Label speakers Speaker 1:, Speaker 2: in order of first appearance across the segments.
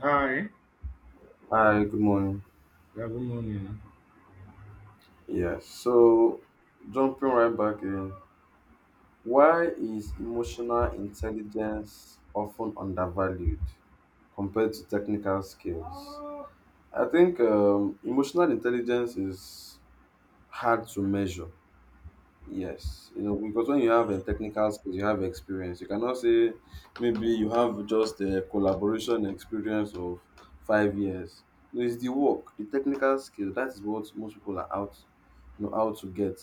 Speaker 1: Hi,
Speaker 2: Hi, good morning.
Speaker 1: yeah, good morning.
Speaker 2: Yes, so jumping right back in, why is emotional intelligence often undervalued compared to technical skills? I think emotional intelligence is hard to measure. Yes, you know, because when you have a technical skills, you have experience. You cannot say maybe you have just a collaboration experience of 5 years. No, it's the work, the technical skill. That is what most people are out, out to get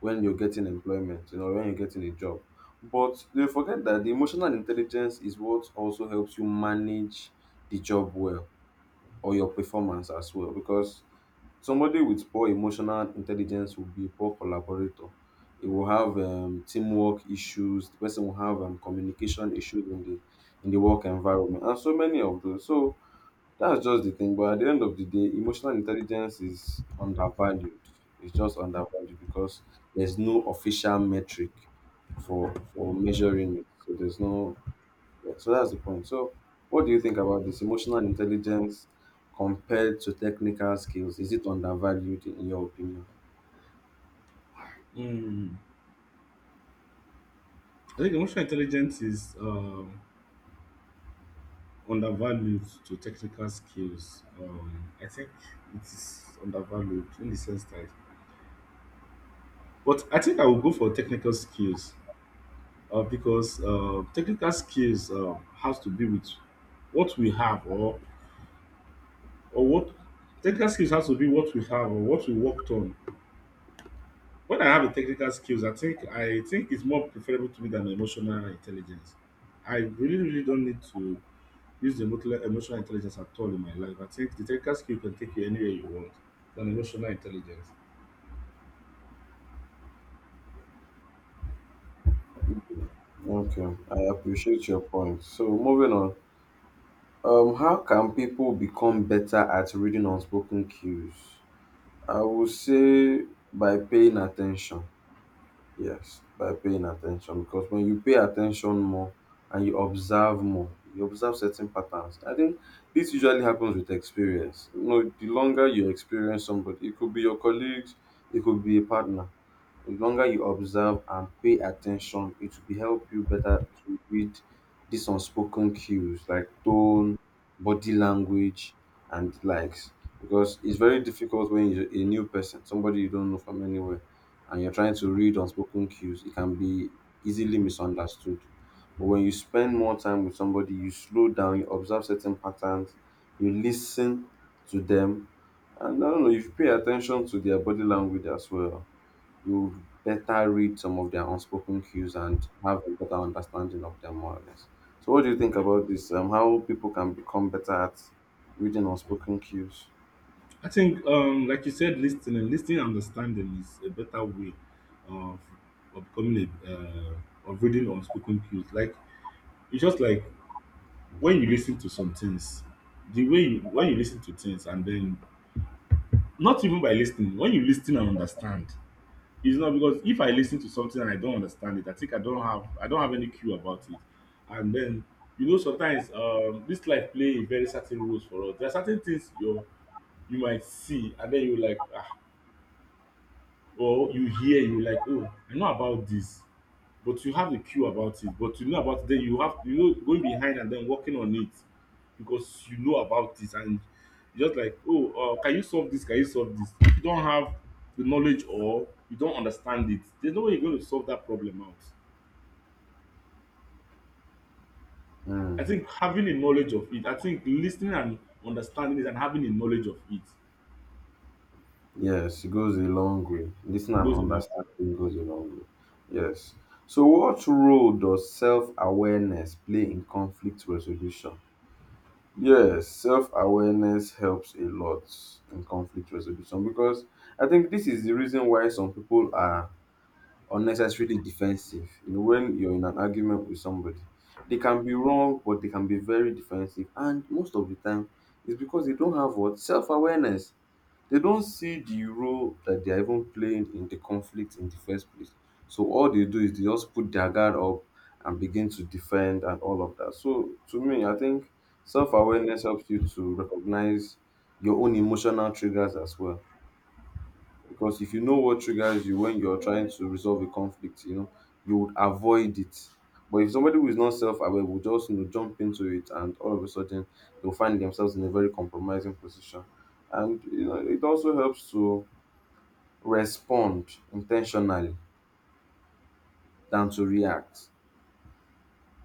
Speaker 2: when you're getting employment, when you're getting a job. But they forget that the emotional intelligence is what also helps you manage the job well or your performance as well. Because somebody with poor emotional intelligence will be a poor collaborator. It will have teamwork issues. The person will have communication issues in the work environment, and so many of those. So that's just the thing. But at the end of the day, emotional intelligence is undervalued. It's just undervalued because there's no official metric for measuring it. So there's no, yeah, so that's the point. So, what do you think about this emotional intelligence compared to technical skills? Is it undervalued in your opinion?
Speaker 1: Mm, I think emotional intelligence is undervalued to technical skills. I think it is undervalued in the sense that, but I think I will go for technical skills because technical skills has to be with what we have or what technical skills has to be what we have or what we worked on When I have the technical skills, I think it's more preferable to me than emotional intelligence. I really, really don't need to use the emotional intelligence at all in my life. I think the technical skill can take you anywhere you want than emotional intelligence.
Speaker 2: Okay, I appreciate your point. So, moving on, how can people become better at reading unspoken cues? I would say by paying attention. Yes, by paying attention because when you pay attention more and you observe more, you observe certain patterns. I think this usually happens with experience. You know, the longer you experience somebody, it could be your colleagues, it could be a partner, the longer you observe and pay attention, it will be help you better to read these unspoken cues like tone, body language, and the likes. Because it's very difficult when you're a new person, somebody you don't know from anywhere, and you're trying to read unspoken cues, it can be easily misunderstood. But when you spend more time with somebody, you slow down, you observe certain patterns, you listen to them, and I don't know, if you pay attention to their body language as well, you better read some of their unspoken cues and have a better understanding of them more or less. So what do you think about this? How people can become better at reading unspoken cues?
Speaker 1: I think, like you said, listening and understanding is a better way of, of becoming a of reading unspoken cues. Like it's just like when you listen to some things, when you listen to things, and then not even by listening, when you listen and understand. It's not because if I lis ten to something and I don't understand it, I think I don't have any clue about it. And then you know sometimes this life play a very certain roles for us. There are certain things you might see and then you like ah, or you hear you like, oh, I know about this, but you have a cue about it but you know about it, then you have, you know, going behind and then working on it because you know about it. And you just like, oh, can you solve this, if you don't have the knowledge or you don't understand it, there's no way you're going to solve that problem out. I
Speaker 2: Mm,
Speaker 1: think having a knowledge of it, I think listening and understanding it and having a knowledge of it
Speaker 2: yes, it goes a long way. Listen and
Speaker 1: goes a long way.
Speaker 2: understanding goes a long way. Yes. So what role does self-awareness play in conflict resolution? Yes, self awareness helps a lot in conflict resolution because I think this is the reason why some people are unnecessarily defensive. You know, when you're in an argument with somebody, they can be wrong, but they can be very defensive. And most of the time, it's because they don't have what self awareness. They don't see the role that they are even playing in the conflict in the first place. So all they do is they just put their guard up and begin to defend and all of that. So to me, I think self awareness helps you to recognize your own emotional triggers as well because if you know what triggers you when you're trying to resolve a conflict, you know, you would avoid it. But if somebody who is not self-aware will just you know jump into it and all of a sudden they'll find themselves in a very compromising position. And you know, it also helps to respond intentionally than to react.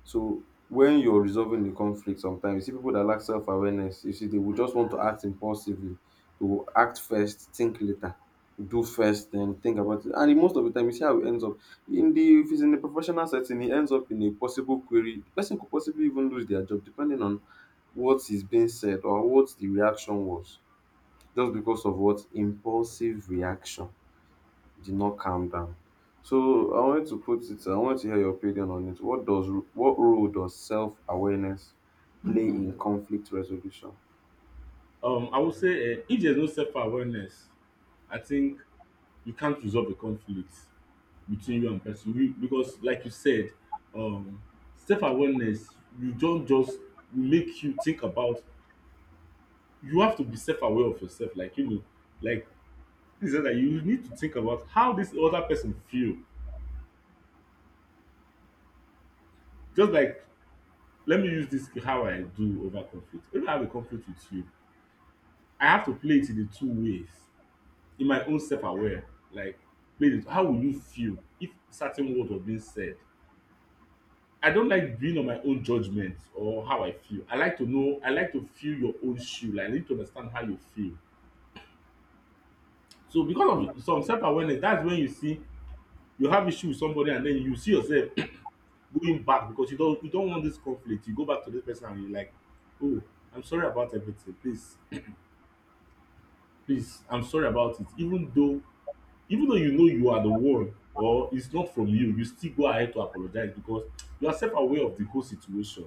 Speaker 2: So when you're resolving the conflict sometimes, you see people that lack self-awareness, you see they will just want to act impulsively. They will act first, think later, do first, then think about it. And the most of the time, you see how it ends up. In the If it's in a professional setting, it ends up in a possible query. The person could possibly even lose their job depending on what is being said or what the reaction was, just because of what impulsive reaction did not calm down. So I wanted to put it, I want to hear your opinion on it. What role does self-awareness play in conflict resolution?
Speaker 1: I would say if there's no self-awareness, I think you can't resolve a conflict between you and person you, because like you said, um self-awareness, you don't just make you think about, you have to be self-aware of yourself, like, you know, like this is that you need to think about how this other person feel. Just like, let me use this how I do over conflict. When I have a conflict with you, I have to play it in the two ways in my own self-aware. Like, play it, how will you feel if certain word was being said. I don't like being on my own judgment or how I feel. I like to know, I like to feel your own shoe. Like, I need to understand how you feel. So
Speaker 2: Mm.
Speaker 1: because of some self-awareness, that's when you see you have issue with somebody and then you see yourself going back because you don't want this conflict. You go back to this person and you're like, oh, I'm sorry about everything. Please, please, I'm sorry about it. Even though you know you are the one or it's not from you, you still go ahead to apologize because you are self-aware of the whole situation.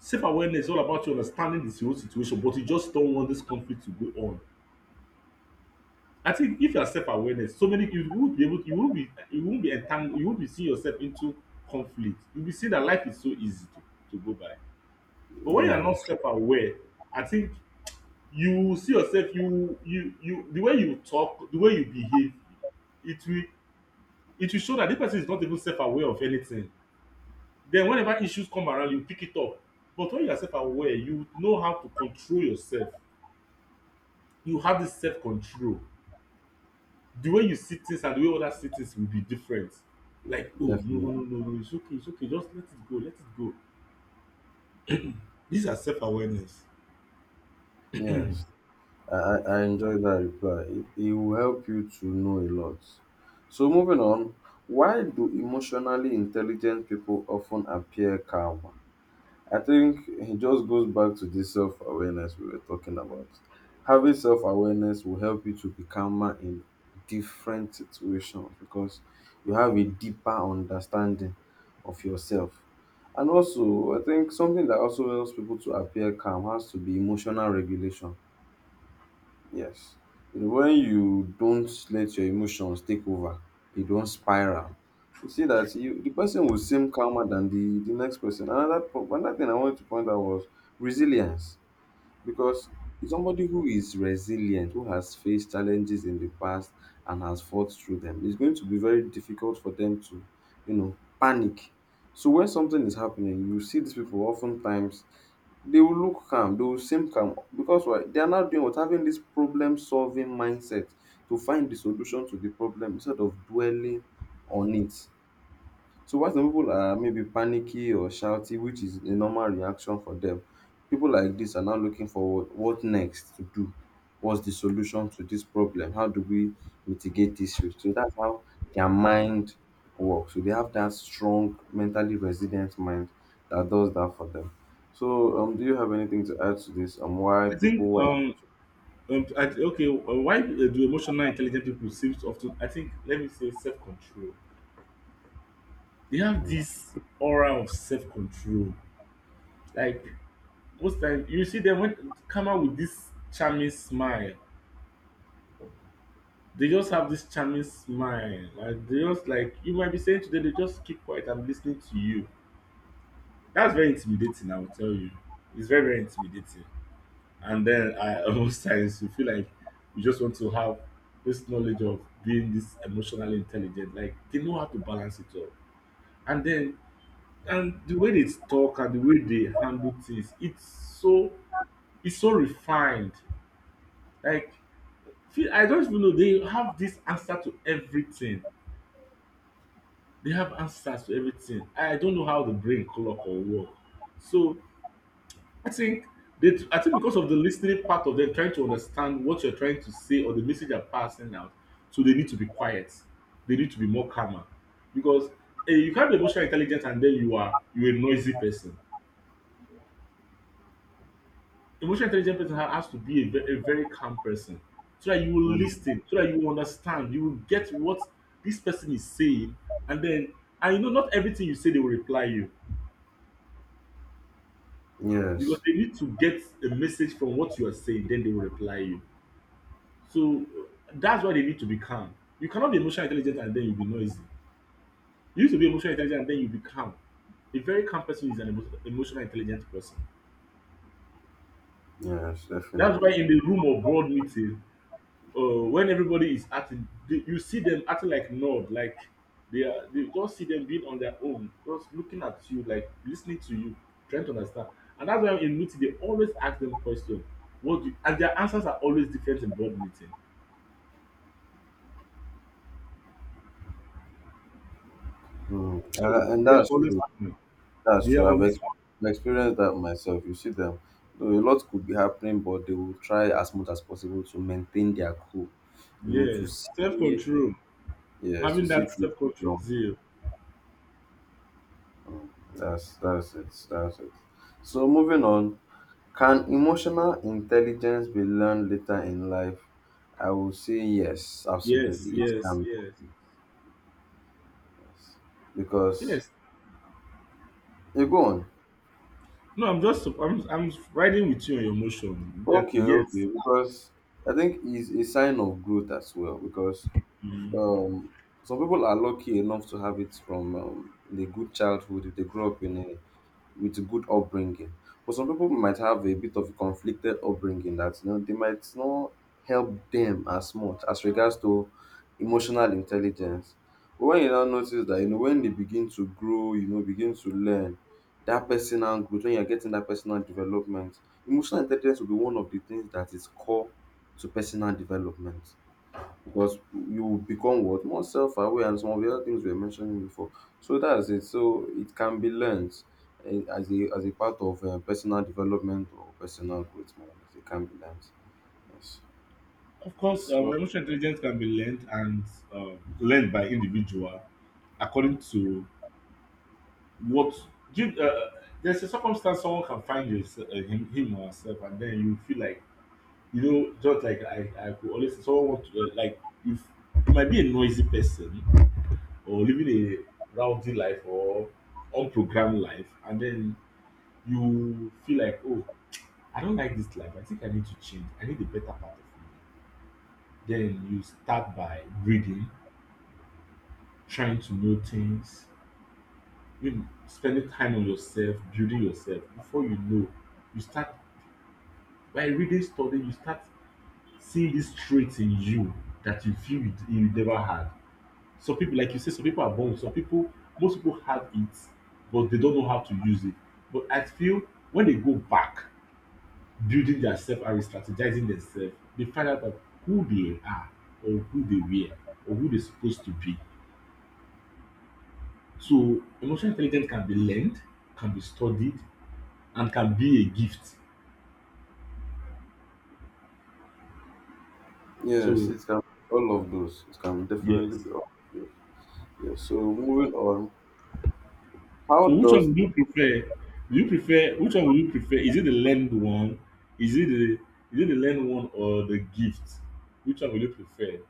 Speaker 1: Self-awareness is all about you understanding the whole situation, but you just don't want this conflict to go on. I think if you are self-awareness, so many you won't be able, you won't be entangled, you won't be seeing yourself into conflict. You'll be seeing that life is so easy to go by. But when you are not
Speaker 2: Yes,
Speaker 1: self-aware, I think you will see yourself, the way you talk, the way you behave, it will, it will show that this person is not even self-aware of anything. Then whenever issues come around, you pick it up. But when you are self-aware, you know how to control yourself. You have this self control. The way you see things and the way others see things will be different. Like, oh, no, no,
Speaker 2: definitely.
Speaker 1: no, no, no, it's okay, it's okay, just let it go, let it go. These are self awareness.
Speaker 2: Yes, I enjoy that reply. It will help you to know a lot. So, moving on, why do emotionally intelligent people often appear calm? I think it just goes back to this self awareness we were talking about. Having self awareness will help you to be calmer in different situations because you have a deeper understanding of yourself. And also, I think something that also helps people to appear calm has to be emotional regulation. Yes. You know, when you don't let your emotions take over, you don't spiral. You see that you the person will seem calmer than the next person. Another thing I wanted to point out was resilience, because it's somebody who is resilient, who has faced challenges in the past and has fought through them. It's going to be very difficult for them to, panic. So when something is happening, you see these people oftentimes they will look calm, they will seem calm because why? They are not doing what having this problem solving mindset to find the solution to the problem instead of dwelling on it. So while some people are maybe panicky or shouty, which is a normal reaction for them, people like this are now looking for what next to do. What's the solution to this problem? How do we mitigate this risk? So that's how their mind works. So they have that strong, mentally resilient mind that does that for them. So, do you have anything to add to this on why
Speaker 1: I think
Speaker 2: people were?
Speaker 1: I, okay Why do emotional intelligent people seem to often, I think let me say self control. They have
Speaker 2: Mm.
Speaker 1: this aura of self control. Like most times, you see them when come out with this charming smile. They just have this charming smile and they just like, you might be saying today, they just keep quiet and listening to you. That's very intimidating, I will tell you. It's very, very intimidating. And then I most times you feel like you just want to have this knowledge of being this emotionally intelligent. Like they know how to balance it all. And then and the way they talk and the way they handle things, it's so refined. Like, feel I don't even know, they have this answer to everything. They have answers to everything. I don't know how the brain clock or work. So I think I think because of the listening part of them trying to understand what you're trying to say or the message you're passing out, so they need to be quiet. They need to be more calmer because you can't be emotional intelligent and then you're a noisy person. Emotional intelligent person has to be a, a very calm person so that you will
Speaker 2: Mm.
Speaker 1: listen, so that you will understand, you will get what this person is saying, and then and you know not everything you say they will reply you because
Speaker 2: Yes.
Speaker 1: they need to get a message from what you are saying, then they will reply you. So that's why they need to be calm. You cannot be emotional intelligent and then you be noisy. You need to be emotional intelligent and then you be calm. A very calm person is an emotional intelligent person.
Speaker 2: Yes,
Speaker 1: That's why
Speaker 2: definitely.
Speaker 1: in the room of board meeting, when everybody is acting, you see them acting like nod, like they are. They just see them being on their own, just looking at you, like listening to you, trying to understand. And that's why in meeting they always ask them question. What do you, and their answers are always different in board meeting.
Speaker 2: Mm,
Speaker 1: So
Speaker 2: and
Speaker 1: they are
Speaker 2: that's
Speaker 1: always
Speaker 2: true. That's
Speaker 1: they are
Speaker 2: true.
Speaker 1: always
Speaker 2: I've experienced that myself. You see them, though a lot could be happening, but they will try as much as possible to maintain their cool. You know, to
Speaker 1: yes, self
Speaker 2: see,
Speaker 1: control.
Speaker 2: yes, to
Speaker 1: Having
Speaker 2: see
Speaker 1: that
Speaker 2: through.
Speaker 1: self control
Speaker 2: No.
Speaker 1: zeal.
Speaker 2: Mm. That's it. That's it. So moving on, can emotional intelligence be learned later in life? I will say yes,
Speaker 1: Yes,
Speaker 2: absolutely. It
Speaker 1: yes,
Speaker 2: can
Speaker 1: yes,
Speaker 2: be, yes, because
Speaker 1: yes.
Speaker 2: you go on.
Speaker 1: No, I'm just I'm riding with you on your motion. That
Speaker 2: Okay, okay.
Speaker 1: yes,
Speaker 2: Because I think it's a sign of growth as well. Because
Speaker 1: mm.
Speaker 2: um some people are lucky enough to have it from the good childhood if they grow up in a with a good upbringing, but some people might have a bit of a conflicted upbringing that you know they might not help them as much as regards to emotional intelligence. But when you now notice that you know when they begin to grow, you know, begin to learn that personal growth, when you're getting that personal development, emotional intelligence will be one of the things that is core to personal development, because you become what more self-aware and some of the other things we were mentioning before. So that's it, so it can be learned, as a part of personal development or personal growth more or less. It can be learned, yes.
Speaker 1: Of course,
Speaker 2: So
Speaker 1: emotional intelligence can be learned and learned by individual according to what give. There's a circumstance someone can find yourself, him or herself, and then you feel like, you know, just like I could always someone want to, like if you might be a noisy person or living a rowdy life or unprogrammed life, and then you feel like, oh, I don't like this life, I think I need to change, I need a better part of me. Then you start by reading, trying to know things, you know, spending time on yourself, building yourself. Before you know, you start by reading studying. You start seeing this traits in you that you feel you never had. Some people, like you say, some people are born with. Some people, most people have it, but they don't know how to use it. But I feel when they go back, building their self and re-strategizing themselves, they find out that who they are or who they were or who they're supposed to be. So emotional intelligence can be learned, can be studied, and can be a gift.
Speaker 2: yes,
Speaker 1: So
Speaker 2: it can, all of those, it can definitely
Speaker 1: yes.
Speaker 2: be all of those. Yes, so moving on, how
Speaker 1: So which
Speaker 2: does
Speaker 1: one would you prefer? Which one would you prefer? Is it the lend one? Is it the is it the lend one or the gift? Which one would you prefer?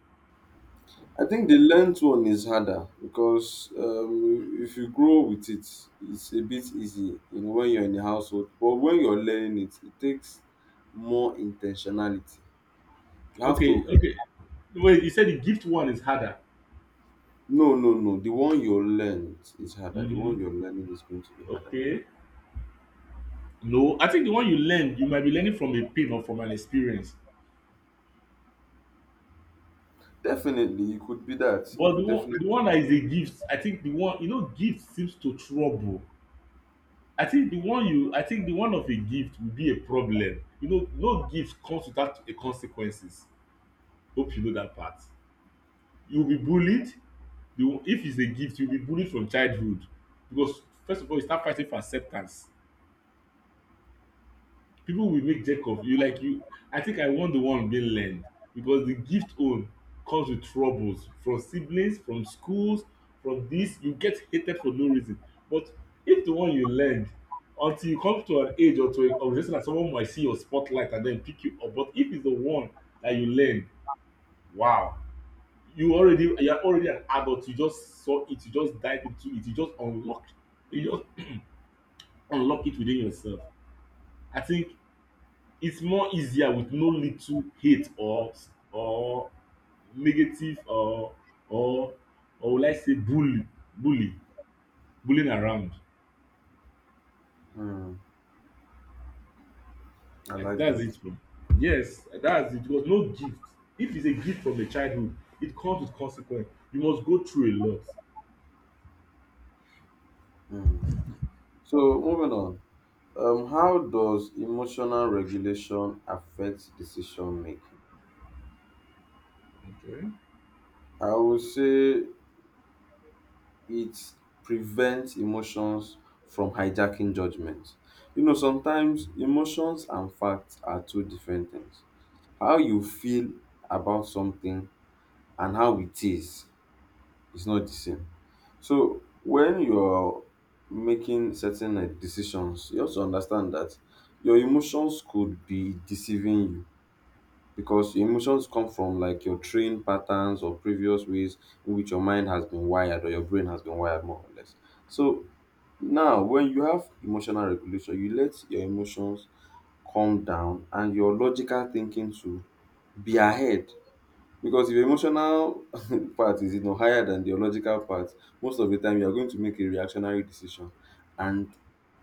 Speaker 2: I think the learned one is harder because if you grow with it, it's a bit easy, you know, when you're in the household. But when you're learning it, it takes more intentionality. You have
Speaker 1: Okay,
Speaker 2: to
Speaker 1: okay. Wait, you said the gift one is harder.
Speaker 2: no, no, no. The one you learned is harder. The
Speaker 1: Hmm.
Speaker 2: one you're learning is going to be harder.
Speaker 1: Okay. No, I think the one you learn, you might be learning from a pain or from an experience.
Speaker 2: Definitely, it could be that. It
Speaker 1: But
Speaker 2: could definitely.
Speaker 1: the one that is a gift, I think the one you know, gift seems to trouble. I think the one you, I think the one of a gift will be a problem. You know, no gift comes without a consequences. Hope you know that part. You will be bullied. You If it's a gift, you will be bullied from childhood, because first of all, you start fighting for acceptance. People will make jerk of you like you. I think I want the one being learned, because the gift own comes with troubles, from siblings, from schools, from this. You get hated for no reason. But if the one you learned, until you come to an age or to a organization that someone might see your spotlight and then pick you up. But if it's the one that you learned, wow, you're already an adult. You just saw it, you just dive into it, you just unlock, you just unlock it within yourself. I think it's more easier with no little hate, or negative, or or will I say bully, bully bullying around.
Speaker 2: Mm, I
Speaker 1: I,
Speaker 2: like
Speaker 1: that's
Speaker 2: that.
Speaker 1: it, bro. Yes, that's it. It was no gift. If it's a gift from the childhood, it comes with consequence. You must go through a lot.
Speaker 2: Mm. So moving on. How does emotional regulation affect decision making?
Speaker 1: Okay.
Speaker 2: I would say it prevents emotions from hijacking judgment. You know, sometimes emotions and facts are two different things. How you feel about something and how it is not the same. So when you're making certain like, decisions, you also understand that your emotions could be deceiving you because your emotions come from like your trained patterns or previous ways in which your mind has been wired or your brain has been wired more or less. So now when you have emotional regulation, you let your emotions calm down and your logical thinking to be ahead. Because if your emotional part is you know higher than the logical part, most of the time you are going to make a reactionary decision and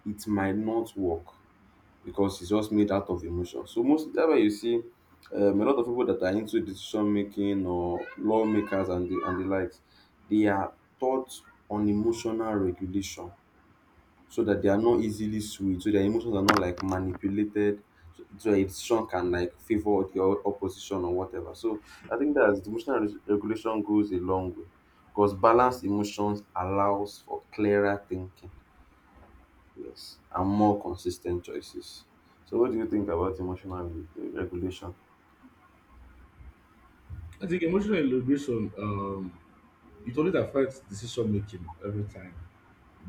Speaker 2: it might not work because it's just made out of emotion. So most that's why you see a lot of people that are into decision making or lawmakers and the likes, they are taught on emotional regulation so that they are not easily swayed, so their emotions are not like manipulated, so a decision can like favor the opposition or whatever. So I think that emotional regulation goes a long way because balanced emotions allows for clearer thinking. Yes, and more consistent choices. So, what do you think about emotional regulation?
Speaker 1: I think emotional integration it always affects decision making every time.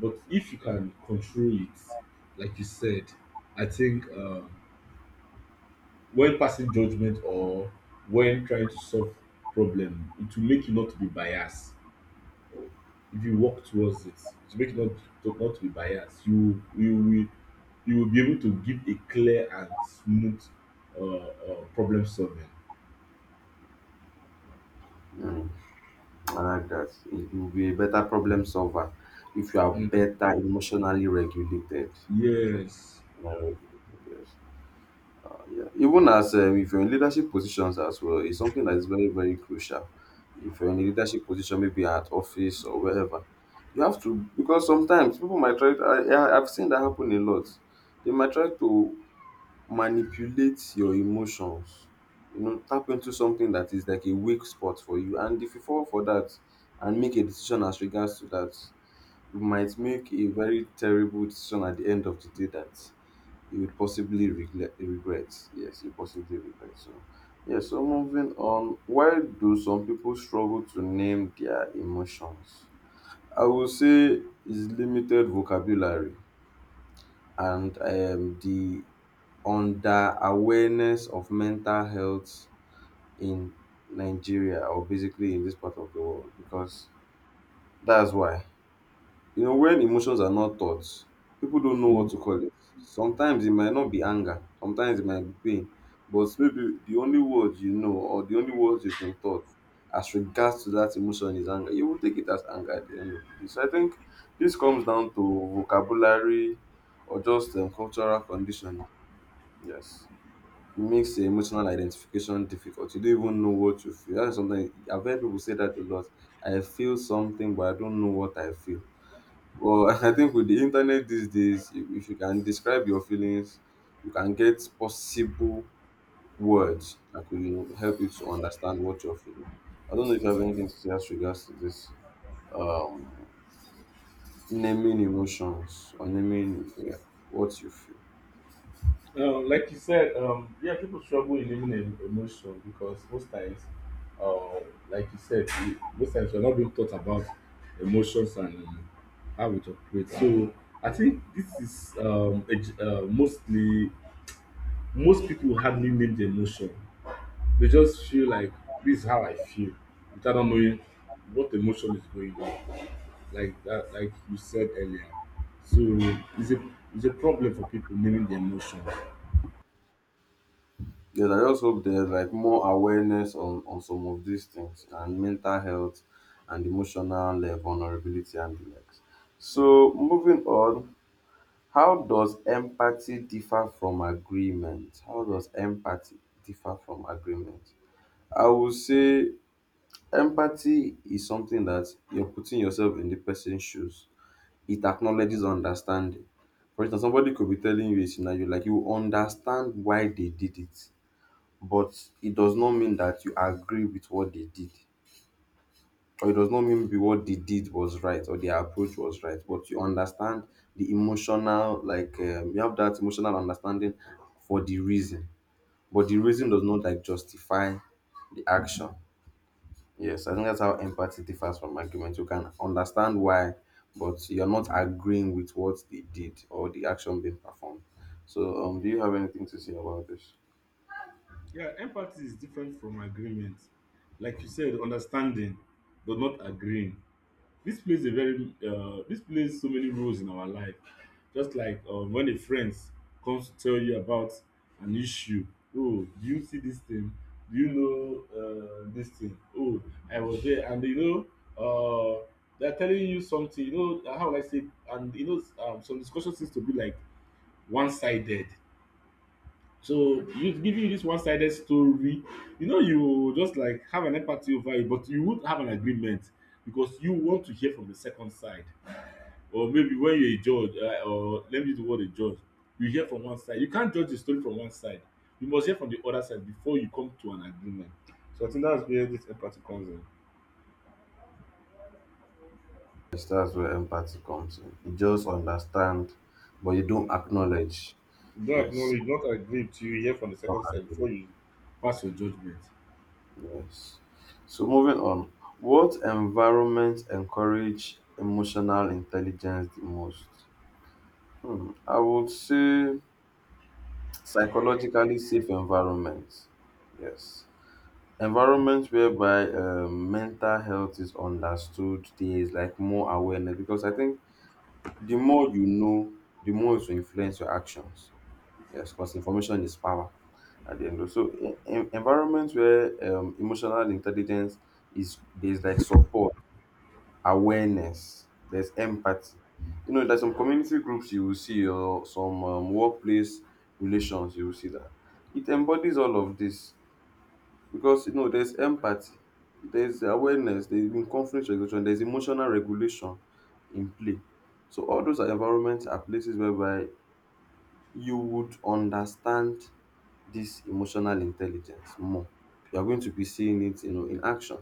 Speaker 1: But if you can control it, like you said, I think when passing judgment or when trying to solve problem, it will make you not to be biased. If you work towards it, it will make you not to, not to be biased. You will you will be able to give a clear and smooth problem solving.
Speaker 2: Mm, I like that. You'll be a better problem solver if you are
Speaker 1: Mhm.
Speaker 2: better emotionally regulated. Okay,
Speaker 1: Yes.
Speaker 2: emotionally regulated, yes. Yeah. Even as if you're in leadership positions as well, it's something that is very very crucial. If you're in a leadership position, maybe at office or wherever, you have to, because sometimes people might try. I've seen that happen a lot. They might try to manipulate your emotions. You know, tap into something that is like a weak spot for you. And if you fall for that and make a decision as regards to that, you might make a very terrible decision at the end of the day that you would possibly regret. Yes, you possibly regret. So, yeah, so moving on, why do some people struggle to name their emotions? I will say is limited vocabulary and the on the awareness of mental health in Nigeria, or basically in this part of the world, because that's why. You know, when emotions are not taught, people don't know what
Speaker 1: Mm.
Speaker 2: to call it. Sometimes it might not be anger, sometimes it might be pain, but maybe the only words you know or the only words you've been taught as regards to that emotion is anger. You will take it as anger at the end of the day. So I think this comes down to vocabulary or just cultural conditioning. Yes. It makes the emotional identification difficult. You don't even know what you feel. That's something I've heard people say that a lot. I feel something, but I don't know what I feel. Well, I think with the internet these days, if you can describe your feelings, you can get possible words that could, you know, help you to understand what you're feeling. I don't know if you have anything to say as regards to this. Um, Naming emotions or naming, yeah, what you feel.
Speaker 1: Like you said, yeah, people struggle in living em- emotion because most times, uh, like you said, we- most times we're not being taught about emotions and how it operates. So I think this is mostly most people hardly name the emotion. They just feel like this is how I feel without not knowing what emotion is going on. Like that, like you said earlier. So it's a it's a problem for people naming the emotion.
Speaker 2: Yes, I just hope there's like more awareness on some of these things, and mental health and emotional vulnerability and the likes. So moving on, how does empathy differ from agreement? How does empathy differ from agreement? I would say empathy is something that you're putting yourself in the person's shoes. It acknowledges understanding. For instance, somebody could be telling you a scenario like you understand why they did it, but it does not mean that you agree with what they did, or it does not mean be what they did was right or their approach was right, but you understand the emotional like, you have that emotional understanding for the reason, but the reason does not like justify the action. Yes, I think that's how empathy differs from argument. You can understand why, but you're not agreeing with what they did or the action being performed. So do you have anything to say about this?
Speaker 1: Yeah, empathy is different from agreement. Like you said, understanding, but not agreeing. This plays so many roles in our life. Just like when a friend comes to tell you about an issue. Oh, do you see this thing? Do you know this thing? Oh, I was there, and you know, they're telling you something. You know, how will I say, and you know, some discussion seems to be like one-sided. So you giving you this one-sided story, you know, you just like have an empathy over it, but you would have an agreement because you want to hear from the second side. Or maybe when you're a judge, or let me use the word a judge, you hear from one side. You can't judge the story from one side. You must hear from the other side before you come to an agreement. So I think that's where this empathy comes in.
Speaker 2: Yes, that's where empathy comes in. You just understand, but you
Speaker 1: Mm.
Speaker 2: don't acknowledge.
Speaker 1: You don't
Speaker 2: Yes,
Speaker 1: acknowledge, you don't agree to. You hear from the
Speaker 2: don't
Speaker 1: second side
Speaker 2: agree.
Speaker 1: before you pass your judgment.
Speaker 2: Yes. So moving on, what environments encourage emotional intelligence the most? Hmm, I would say psychologically safe environments. Yes. Environments whereby mental health is understood, there is like more awareness, because I think the more you know, the more it will influence your actions. Yes, because information is power at the end of so in environments where emotional intelligence is, there's like support, awareness, there's empathy. You know, there's some community groups you will see, or some workplace relations you will see that it embodies all of this, because you know there's empathy, there's awareness, there's been conflict resolution, there's emotional regulation in play. So all those are environments are places whereby you would understand this emotional intelligence more. You're going to be seeing it, you know, in action.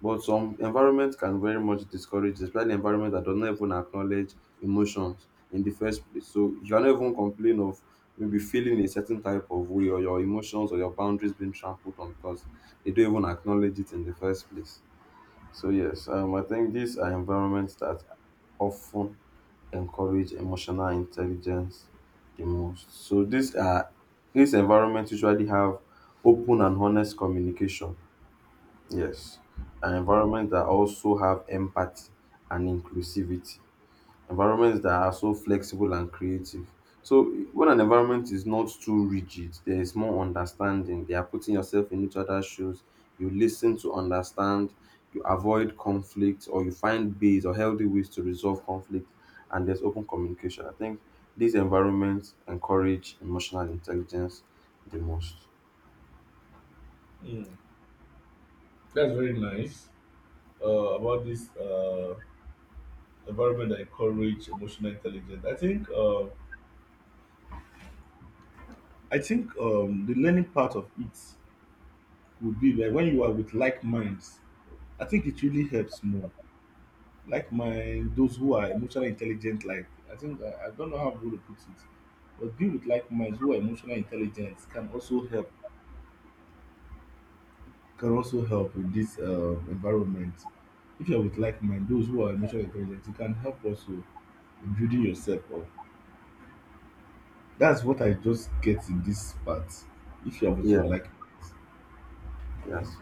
Speaker 2: But some environment can very much discourage this, especially environment that does not even acknowledge emotions in the first place. So you cannot even complain of maybe feeling a certain type of way, or your emotions or your boundaries being trampled on, because they don't even acknowledge it in the first place. So yes, I think these are environments that often encourage emotional intelligence the most. So these are these environments usually have open and honest communication. Yes, an environment that also have empathy and inclusivity, environments that are so flexible and creative. So when an environment is not too rigid, there is more understanding. They are putting yourself in each other's shoes. You listen to understand, you avoid conflict, or you find ways or healthy ways to resolve conflict, and there's open communication. I think these environments encourage emotional intelligence the most.
Speaker 1: Mm. That's very nice uh, about this. Environment that encourage emotional intelligence. I think the learning part of it would be that when you are with like minds. I think it really helps more. Like mind, those who are emotionally intelligent. Like, I think I don't know how I'm going to put it, but be with like minds who are emotional intelligent can also help. Can also help in this environment. If you're with like mind, those who are emotionally intelligent, it can help also in building yourself up. That's what I just get in this part, if you have
Speaker 2: Yeah,
Speaker 1: to like
Speaker 2: yes.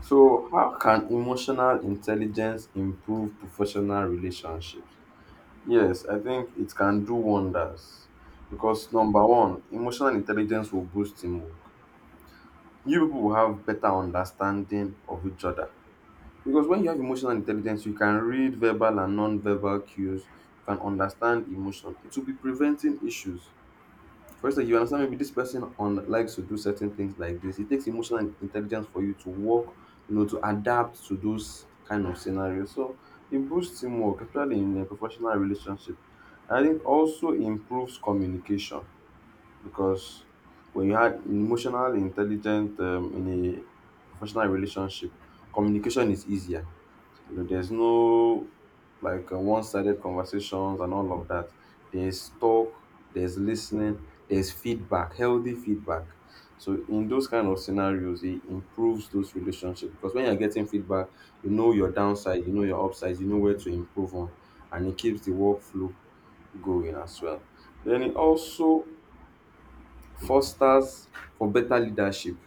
Speaker 2: So how can emotional intelligence improve professional relationships? Yes, I think it can do wonders, because number one, emotional intelligence will boost teamwork. You people will have better understanding of each other, because when you have emotional intelligence, you can read verbal and non-verbal cues. You can understand emotion. It will be preventing issues. First of you understand maybe this person on likes to do certain things like this. It takes emotional intelligence for you to work, you know, to adapt to those kind of scenarios. So it boosts teamwork, especially in a professional relationship. I think also improves communication, because when you have emotional intelligent in a professional relationship, communication is easier. You know, there's no like one-sided conversations and all of that. There's talk, there's listening, there's feedback, healthy feedback. So in those kind of scenarios, it improves those relationships, because when you're getting feedback, you know your downside, you know your upside, you know where to improve on, and it keeps the workflow going as well. Then it also fosters for better leadership,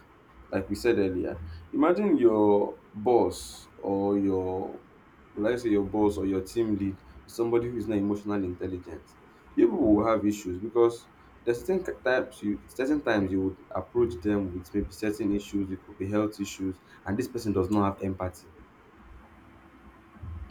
Speaker 2: like we said earlier. Imagine your boss or your, will I say your boss or your team lead, is somebody who is not emotionally intelligent. You people will have issues because there's certain types you certain times you would approach them with maybe certain issues, it could be health issues, and this person does not have empathy,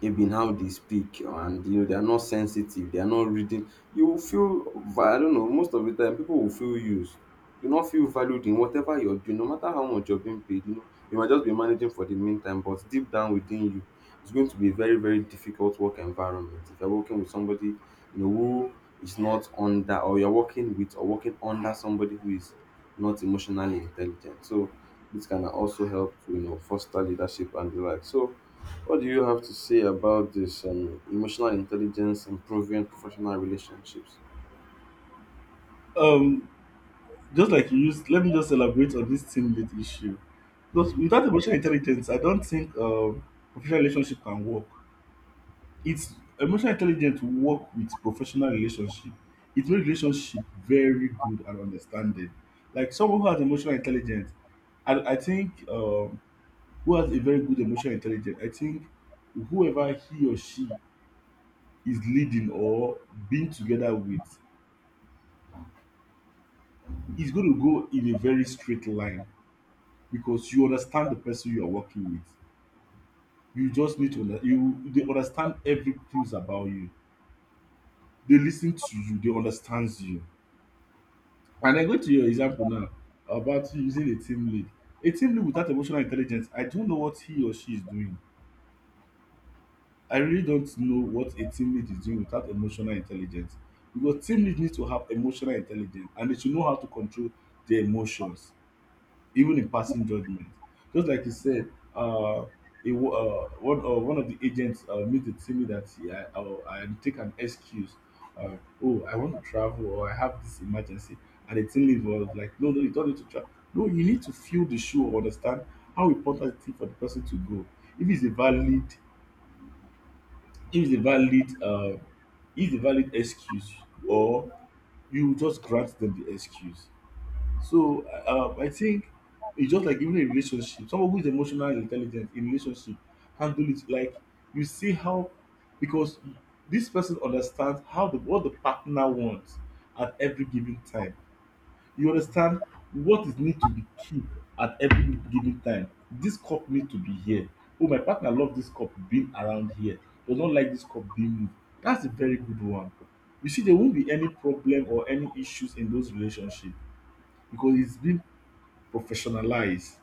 Speaker 2: even how they speak, and you know they are not sensitive, they are not reading. You will feel I don't know, most of the time people will feel used. You not feel valued in whatever you're doing, no matter how much you're being paid. You know, you might just be managing for the meantime, but deep down within you, it's going to be a very very difficult work environment if you're working with somebody, you know, who is not under, or you're working with or working under somebody who is not emotionally intelligent. So this can also help to, you know, foster leadership and the like. So what do you have to say about this, emotional intelligence improving professional relationships?
Speaker 1: um just like you used, let me just elaborate on this team lead issue. Because without emotional intelligence, I don't think professional relationship can work. It's emotional intelligence to work with professional relationship. It makes relationship very good and understanding. Like someone who has emotional intelligence, I think who has a very good emotional intelligence, I think whoever he or she is leading or being together with is going to go in a very straight line because you understand the person you are working with. You just need to under- you they understand every clues about you. They listen to you. They understands you. And I go to your example now about you using a team lead. A team lead without emotional intelligence, I don't know what he or she is doing. I really don't know what a team lead is doing without emotional intelligence. Because team lead needs to have emotional intelligence and they should know how to control their emotions even in passing judgment. Just like you said, uh, a, wo- one, one of the agents made it to me that he, I take an excuse. Uh, oh, I want to travel or I have this emergency. And the team lead was like, no, no, you don't need to travel. No, you need to feel the shoe or understand how important it is for the person to go. If it's a valid, if it's a valid, uh, if it's a valid excuse, or you just grant them the excuse. So I think it's just like even a relationship. Someone who is emotionally intelligent in relationship handle it like you see how, because this person understands how the what the partner wants at every given time. You understand what is need to be kept at every given time. This cup need to be here. Oh, my partner love this cup being around here. Does not like this cup being moved. That's a very good one. You see, there won't be any problem or any issues in those relationships because it's been professionalize.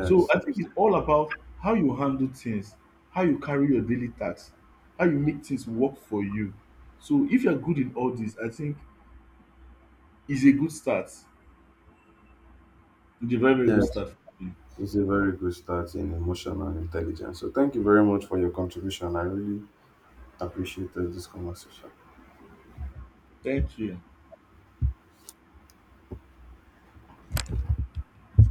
Speaker 1: So I think
Speaker 2: yes,
Speaker 1: it's all about how you handle things, how you carry your daily tasks, how you make things work for you. So if you're good in all this, I think is a good start. It's a very, very good
Speaker 2: yes.
Speaker 1: start for you.
Speaker 2: It's a very good start in emotional intelligence. So, thank you very much for your contribution. I really appreciated this conversation.
Speaker 1: Thank you.